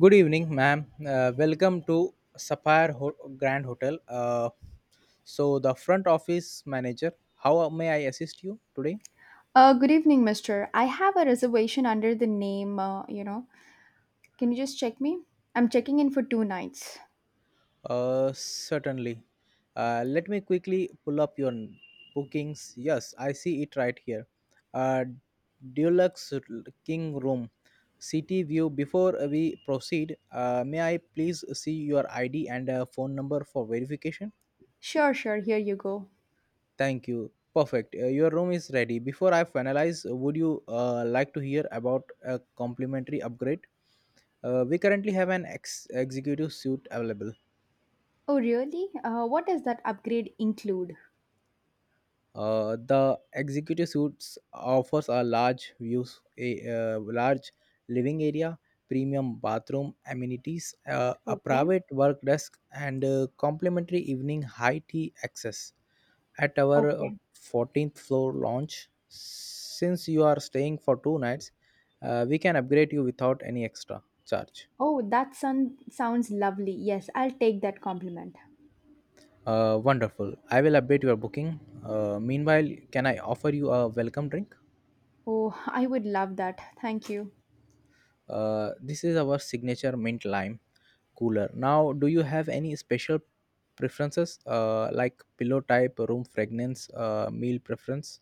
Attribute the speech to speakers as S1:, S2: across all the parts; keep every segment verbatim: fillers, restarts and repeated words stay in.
S1: Good evening, ma'am. Uh, welcome to Sapphire Ho- Grand Hotel. Uh, so, the front office manager, how may I assist you today?
S2: Uh, good evening, mister. I have a reservation under the name, uh, you know. Can you just check me? I'm checking in for two nights.
S1: Uh, certainly. Uh, let me quickly pull up your n- bookings. Yes, I see it right here. Uh, Deluxe r- King Room, City View. Before we proceed, uh, may I please see your I D and uh, phone number for verification?
S2: Sure, sure, here you go.
S1: Thank you. Perfect. Uh, your room is ready. Before I finalize, uh, would you uh, like to hear about a complimentary upgrade? Uh, we currently have an ex- executive suite available.
S2: Oh, really? Uh, what does that upgrade include?
S1: Uh, the executive suites offers a large views, a uh, large living area, premium bathroom amenities, uh, a
S2: Okay,
S1: private work desk, and uh, complimentary evening high tea access at our uh,
S2: okay.
S1: fourteenth floor launch. Since you are staying for two nights, uh, we can upgrade you without any extra charge.
S2: Oh, that sun sounds lovely. Yes, I'll take that compliment.
S1: Uh, wonderful. I will update your booking. Uh, meanwhile, can I offer you a welcome drink?
S2: Oh, I would love that. Thank you.
S1: Uh, this is our signature mint lime cooler. Now, do you have any special preferences, uh, like pillow type, room fragrance, uh, meal preference?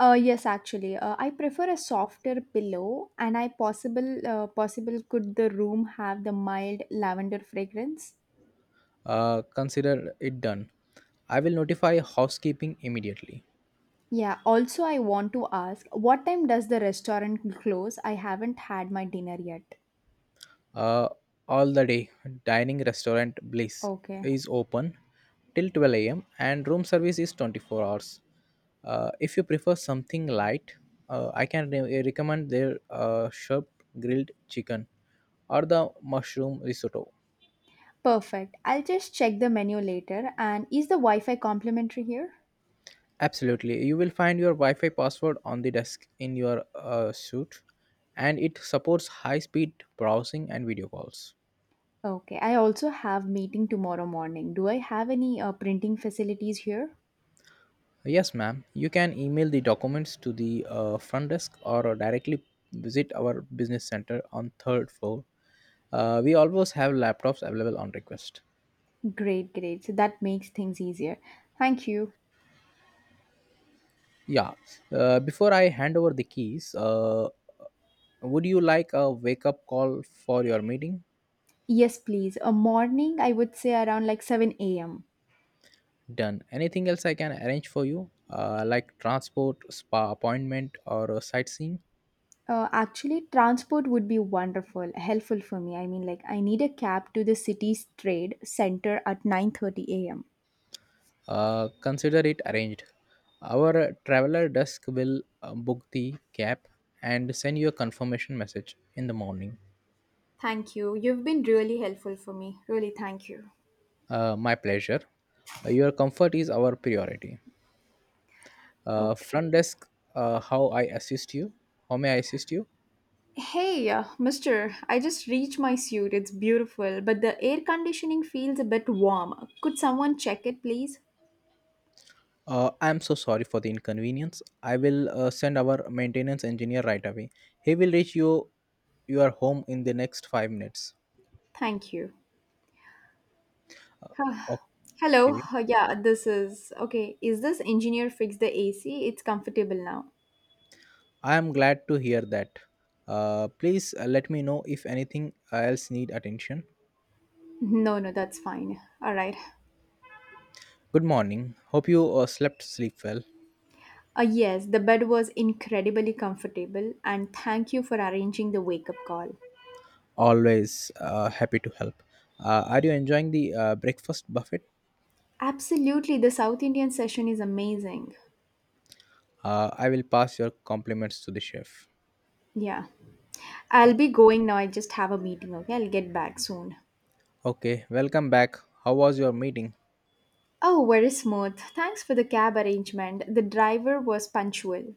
S2: Uh, yes, actually, uh, I prefer a softer pillow, and I possible uh, possible could the room have the mild lavender fragrance?
S1: Uh, consider it done. I will notify housekeeping immediately.
S2: Yeah, also, I want to ask, what time does the restaurant close? I haven't had my dinner yet.
S1: uh, all the day. Dining restaurant Bliss
S2: Okay,
S1: is open till twelve a m and room service is twenty-four hours. Uh, if you prefer something light, uh, I can re- recommend their uh, sharp grilled chicken or the mushroom risotto.
S2: perfect. I'll just check the menu later. And is the Wi Fi complimentary here?
S1: Absolutely, you will find your Wi-Fi password on the desk in your uh, suit, and it supports high-speed browsing and video calls.
S2: Okay, I also have meeting tomorrow morning. Do I have any uh, printing facilities here?
S1: Yes, ma'am. You can email the documents to the uh, front desk or uh, directly visit our business center on third floor. Uh, we always have laptops available on request.
S2: Great, great. So that makes things easier. Thank you.
S1: Yeah. Uh, before I hand over the keys, uh, would you like a wake up call for your meeting?
S2: Yes, please. A morning, I would say around like seven a m.
S1: Done. Anything else I can arrange for you, uh, like transport, spa appointment, or uh, sightseeing?
S2: Uh, actually, transport would be wonderful, helpful for me. I mean, like, I need a cab to the city's trade center at nine thirty a m.
S1: Uh, consider it arranged. Our traveler desk will uh, book the cab and send you a confirmation message in the morning.
S2: Thank you. You've been really helpful for me. Really, thank you.
S1: Uh, my pleasure. Uh, your comfort is our priority. Uh, front
S2: Okay.
S1: desk, uh, how I assist you? How may I assist you?
S2: Hey, uh, mister, I just reached my suit. It's beautiful, but the air conditioning feels a bit warm. Could someone check it, please?
S1: Uh, I am so sorry for the inconvenience. I will uh, send our maintenance engineer right away. He will reach you your home in the next five minutes.
S2: Thank you.
S1: Uh,
S2: Hello.
S1: okay.
S2: Uh, yeah, this is okay. Is this engineer fix the A C? It's comfortable now.
S1: I am glad to hear that. Uh, please uh, let me know if anything else need attention.
S2: No, no, that's fine. All right.
S1: Good morning. Hope you uh, slept sleep well.
S2: Uh, yes, the bed was incredibly comfortable, and thank you for arranging the wake up call.
S1: Always uh, happy to help. Uh, are you enjoying the uh, breakfast buffet?
S2: Absolutely, the South Indian session is amazing.
S1: Uh, I will pass your compliments to the chef.
S2: Yeah, I'll be going now. I just have a meeting, okay? I'll get back soon.
S1: Okay, welcome back. How was your meeting?
S2: Oh, very smooth. Thanks for the cab arrangement. The driver was punctual.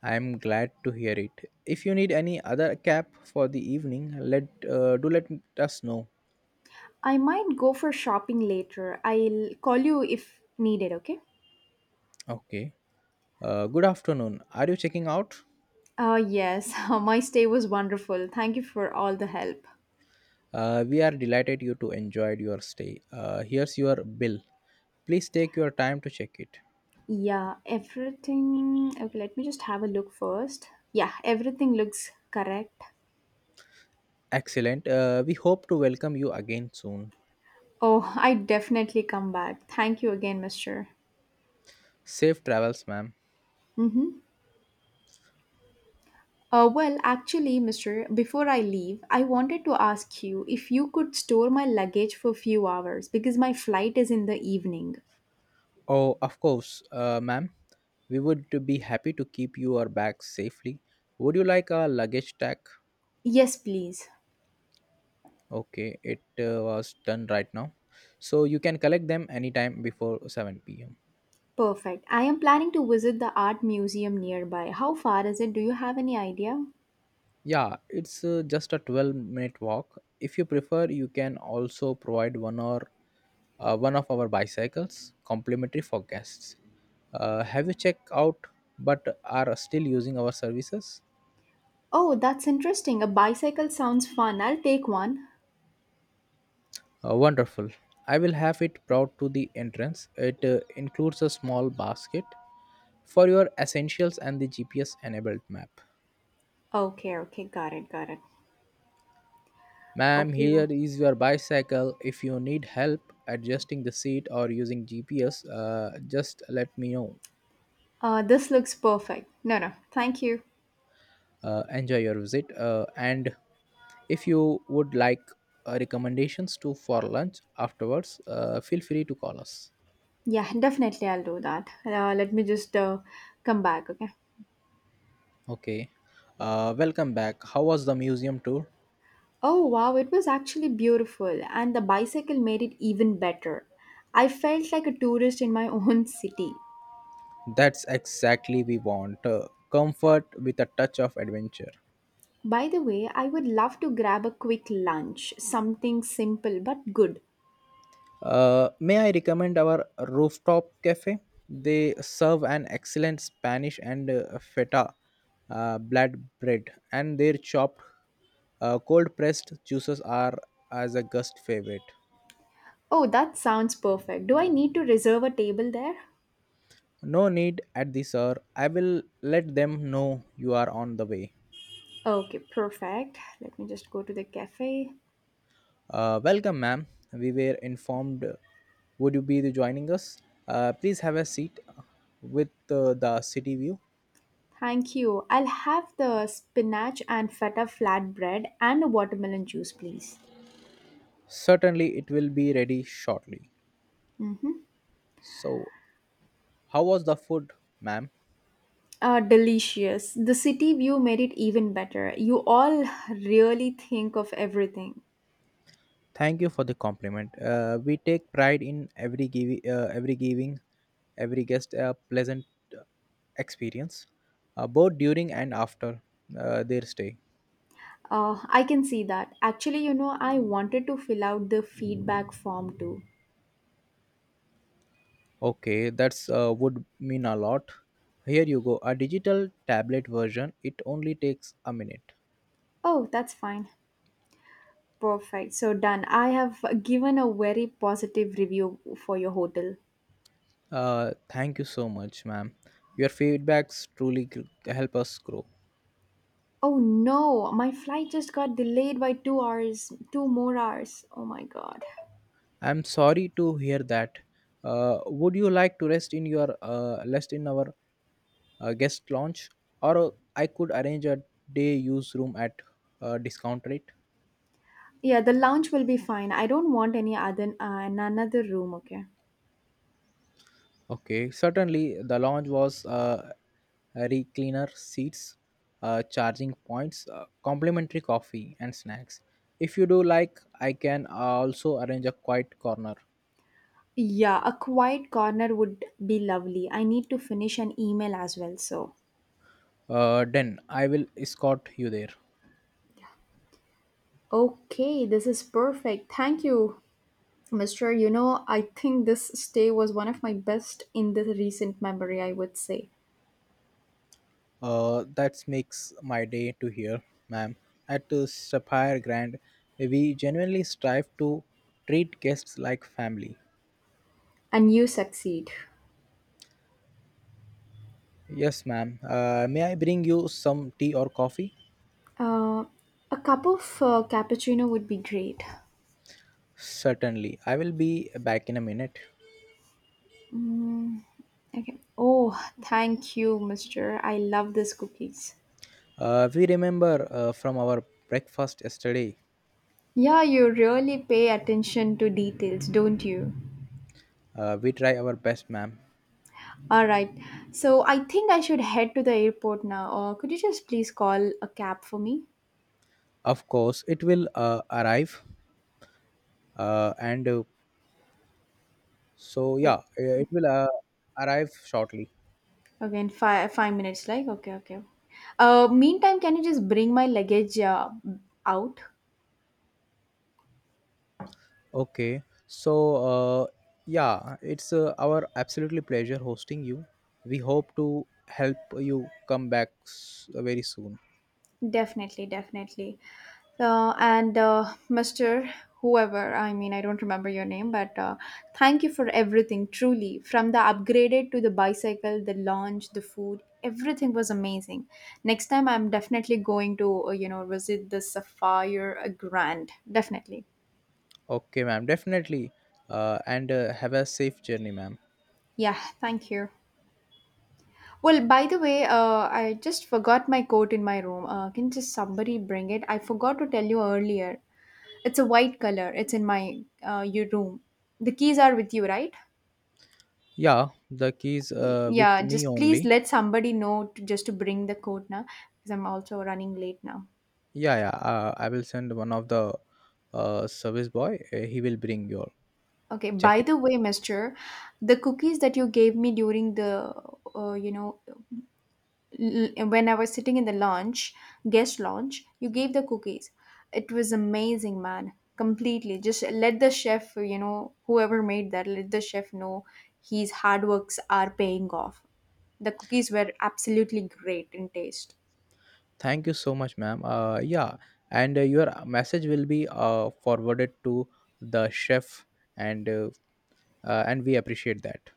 S1: I am glad to hear it. If you need any other cap for the evening, let uh, do let us know.
S2: I might go for shopping later. I'll call you if needed, okay?
S1: Okay. Uh, good afternoon. Are you checking out?
S2: Uh, yes, my stay was wonderful. Thank you for all the help.
S1: Uh, we are delighted you to enjoyed your stay. Uh, here's your bill. Please take your time to check it.
S2: Yeah, everything. Okay, let me just have a look first. Yeah, everything looks correct.
S1: Excellent. Uh, we hope to welcome you again soon.
S2: Oh, I definitely come back. Thank you again, mister.
S1: Safe travels, ma'am.
S2: Mm-hmm. Uh, well, actually, mister, before I leave, I wanted to ask you if you could store my luggage for a few hours because my flight is in the evening.
S1: Oh, of course, uh, ma'am. We would be happy to keep your bags safely. Would you like a luggage tag?
S2: Yes, please.
S1: Okay, it uh, was done right now. So you can collect them anytime before seven p m.
S2: Perfect. I am planning to visit the art museum nearby. How far is it? Do you have any idea?
S1: Yeah, it's uh, just a twelve minute walk. If you prefer, you can also provide one or uh, one of our bicycles complimentary for guests. Uh, have you checked out but are still using our services?
S2: Oh, that's interesting. A bicycle sounds fun. I'll take one.
S1: Uh, wonderful. I will have it brought to the entrance. It uh, includes a small basket for your essentials and the G P S enabled map.
S2: Okay, okay, got it, got it.
S1: Ma'am,
S2: Okay,
S1: here
S2: w-
S1: is your bicycle. If you need help adjusting the seat or using G P S, uh, just let me know.
S2: uh, this looks perfect. No, no, thank you.
S1: Uh, enjoy your visit, uh, and if you would like, uh, recommendations to for lunch afterwards, uh, feel free to call us.
S2: Yeah, definitely, I'll do that. Uh, let me just uh, come back, okay?
S1: Okay. Uh, welcome back. How was the museum tour?
S2: Oh, wow, it was actually beautiful, and the bicycle made it even better. I felt like a tourist in my own city.
S1: That's exactly we want, uh, comfort with a touch of adventure.
S2: By the way, I would love to grab a quick lunch, something simple but good.
S1: Uh, may I recommend our rooftop cafe? They serve an excellent spanish and uh, feta uh, blood bread, and their chopped uh, cold pressed juices are as a guest favorite.
S2: Oh, that sounds perfect. Do I need to reserve a table there?
S1: No need at the sir. I will let them know you are on the way.
S2: Okay, perfect. Let me just go to the cafe.
S1: Uh, welcome, ma'am. We were informed. Would you be joining us? Uh, please have a seat with uh, the city view.
S2: Thank you. I'll have the spinach and feta flatbread and a watermelon juice, please.
S1: Certainly, it will be ready shortly. So, how was the food, ma'am?
S2: Uh, delicious. The city view made it even better. You all really think of everything.
S1: Thank you for the compliment. Uh, we take pride in every giving, uh, every giving every guest a pleasant uh, experience, uh, both during and after uh, their stay.
S2: Uh, I can see that. Actually, you know, I wanted to fill out the feedback form too.
S1: Okay, that's uh, would mean a lot. Here you go, a digital tablet version. It only takes a minute.
S2: Oh, that's fine. Perfect. So done. I have given a very positive review for your hotel.
S1: Uh, thank you so much, ma'am. Your feedbacks truly g- help us grow.
S2: Oh no, my flight just got delayed by two hours, two more hours. Oh my god.
S1: I'm sorry to hear that. Uh, would you like to rest in your uh, rest in our uh, guest lounge, or I could arrange a day use room at uh, discount rate?
S2: Yeah, the lounge will be fine. I don't want any other uh, in another room, okay?
S1: Okay, certainly the launch was uh, re cleaner seats, uh, charging points, uh, complimentary coffee, and snacks. If you do like, I can uh, also arrange a quiet corner.
S2: Yeah, a quiet corner would be lovely. I need to finish an email as well, so.
S1: Uh, then I will escort you there.
S2: Okay, this is perfect. Thank you, Mister You know, I think this stay was one of my best in the recent memory, I would say.
S1: Uh, that makes my day to hear, ma'am. At uh, Sapphire Grand, we genuinely strive to treat guests like family.
S2: And you succeed.
S1: Yes, ma'am. Uh, may I bring you some tea or coffee?
S2: Uh, a cup of uh, cappuccino would be great.
S1: Certainly. I will be back in a minute.
S2: Mm, okay. Oh, thank you, Mister I love these cookies.
S1: Uh, we remember uh, from our breakfast yesterday.
S2: Yeah, you really pay attention to details, don't you?
S1: Uh, we try our best, ma'am.
S2: All right. So I think I should head to the airport now. Or could you just please call a cab for me?
S1: Of course, it will uh, arrive. Uh, and uh, so, yeah,
S2: Ag-
S1: uh, it will uh, arrive shortly.
S2: Again, five five minutes. Like okay, okay. Uh, meantime, can you just bring my luggage uh, out?
S1: Okay. So, uh, yeah, it's uh, our absolutely pleasure hosting you. We hope to help you come back s- very soon.
S2: Definitely, definitely. Uh, and uh, Mister Whoever, I mean, I don't remember your name, but uh, thank you for everything, truly. From the upgraded to the bicycle, the launch, the food, everything was amazing. Next time, I'm definitely going to, uh, you know, visit the Sapphire uh, Grand. Definitely.
S1: Okay, ma'am. Definitely. Uh, and uh, have a safe journey, ma'am.
S2: Yeah, thank you. Well, by the way, uh, I just forgot my coat in my room. Uh, can just somebody bring it? I forgot to tell you earlier. It's a white color. It's in my uh, your room. The keys are with you, right?
S1: Yeah, the keys
S2: Y-
S1: uh, with
S2: Yeah,
S1: me
S2: just please
S1: only.
S2: let somebody know to, just to bring the code now because I'm also running late now.
S1: Yeah, yeah. Uh, I will send one of the uh, service boy. Uh, he will bring your
S2: Okay, by
S1: jacket.
S2: the way, mister, the cookies that you gave me during the uh, you know l- when I was sitting in the lounge, guest lounge, you gave the cookies. It was amazing, man. Completely. Just let the chef, you know, whoever made that, let the chef know his hard works are paying off. The cookies were absolutely great in taste.
S1: Thank you so much, ma'am. Uh, yeah, and uh, your message will be uh, forwarded to the chef, and uh, uh, and we appreciate that.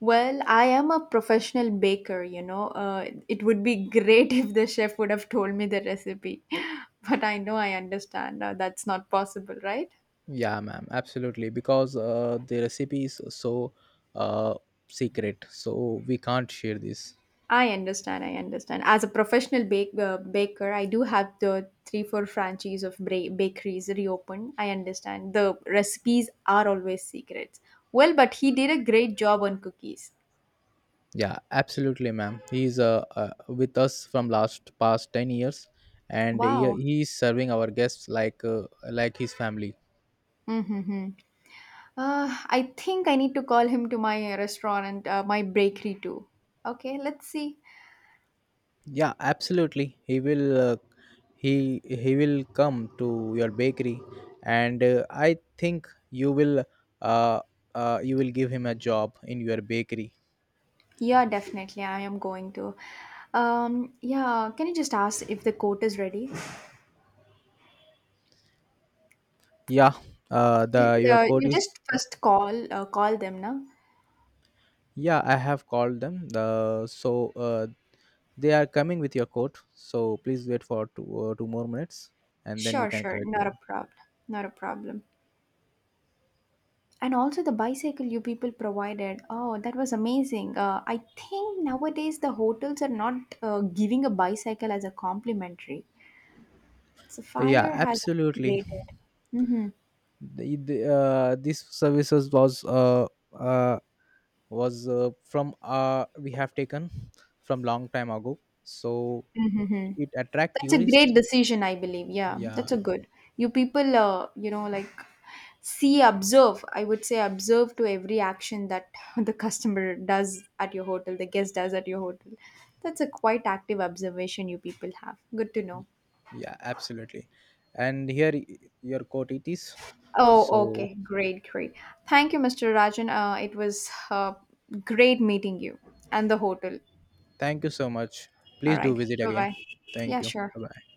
S2: Well, I am a professional baker, you know. Uh, it would be great if the chef would have told me the recipe, but I know I understand uh, that's not possible, right?
S1: Yeah, ma'am. Absolutely, because uh, the recipe is so uh, secret, so we can't share this.
S2: I understand, I understand. As a professional bake, uh, baker, I do have the three, four franchises of bra- bakeries reopened. I understand. The recipes are always secrets. Well, but he did a great job on cookies.
S1: Yeah, absolutely, ma'am. He's uh, uh, with us from last past ten years, and he,
S2: Wow.
S1: he is serving our guests like uh, like his family.
S2: Mm-hmm. Uh, I think I need to call him to my restaurant and uh, my bakery too. Okay, let's see.
S1: Yeah, absolutely. He will uh, he he will come to your bakery, and uh, I think you will, uh, uh, you will give him a job in your bakery.
S2: Yeah, definitely. I am going to. Um, yeah, can you just ask if the coat is ready?
S1: Yeah, uh, the your
S2: Uh,
S1: coat
S2: you
S1: is.
S2: just first call uh, call them, na?
S1: Yeah, I have called them. The so uh, they are coming with your coat. So please wait for two, uh, two more minutes, and then you
S2: Sure,
S1: can
S2: sure.
S1: collect
S2: Not
S1: your.
S2: a problem. Not a problem. And also the bicycle you people provided. Oh, that was amazing. Uh, I think nowadays the hotels are not uh, giving a bicycle as a complimentary. So
S1: Yeah,
S2: Fire has
S1: absolutely.
S2: created. Mm-hmm.
S1: The, the, uh, this services was uh, uh, was uh, from uh, we have taken from long time ago. So it attract
S2: That's a
S1: tourists.
S2: great decision, I believe. Yeah,
S1: Yeah,
S2: that's a good. You people, uh, you know, like see, observe. I would say observe to every action that the customer does at your hotel, the guest does at your hotel. That's a quite active observation you people have. Good to know.
S1: yeah, absolutely. And here y- your coat it is.
S2: Oh,
S1: So
S2: okay. Great, great. Thank you, Mister Rajan. Uh, it was uh, great meeting you and the hotel.
S1: thank you so much.
S2: All
S1: Please do
S2: right.
S1: visit
S2: Bye
S1: again.
S2: bye.
S1: Thank
S2: Yeah,
S1: you.
S2: sure.
S1: Bye bye.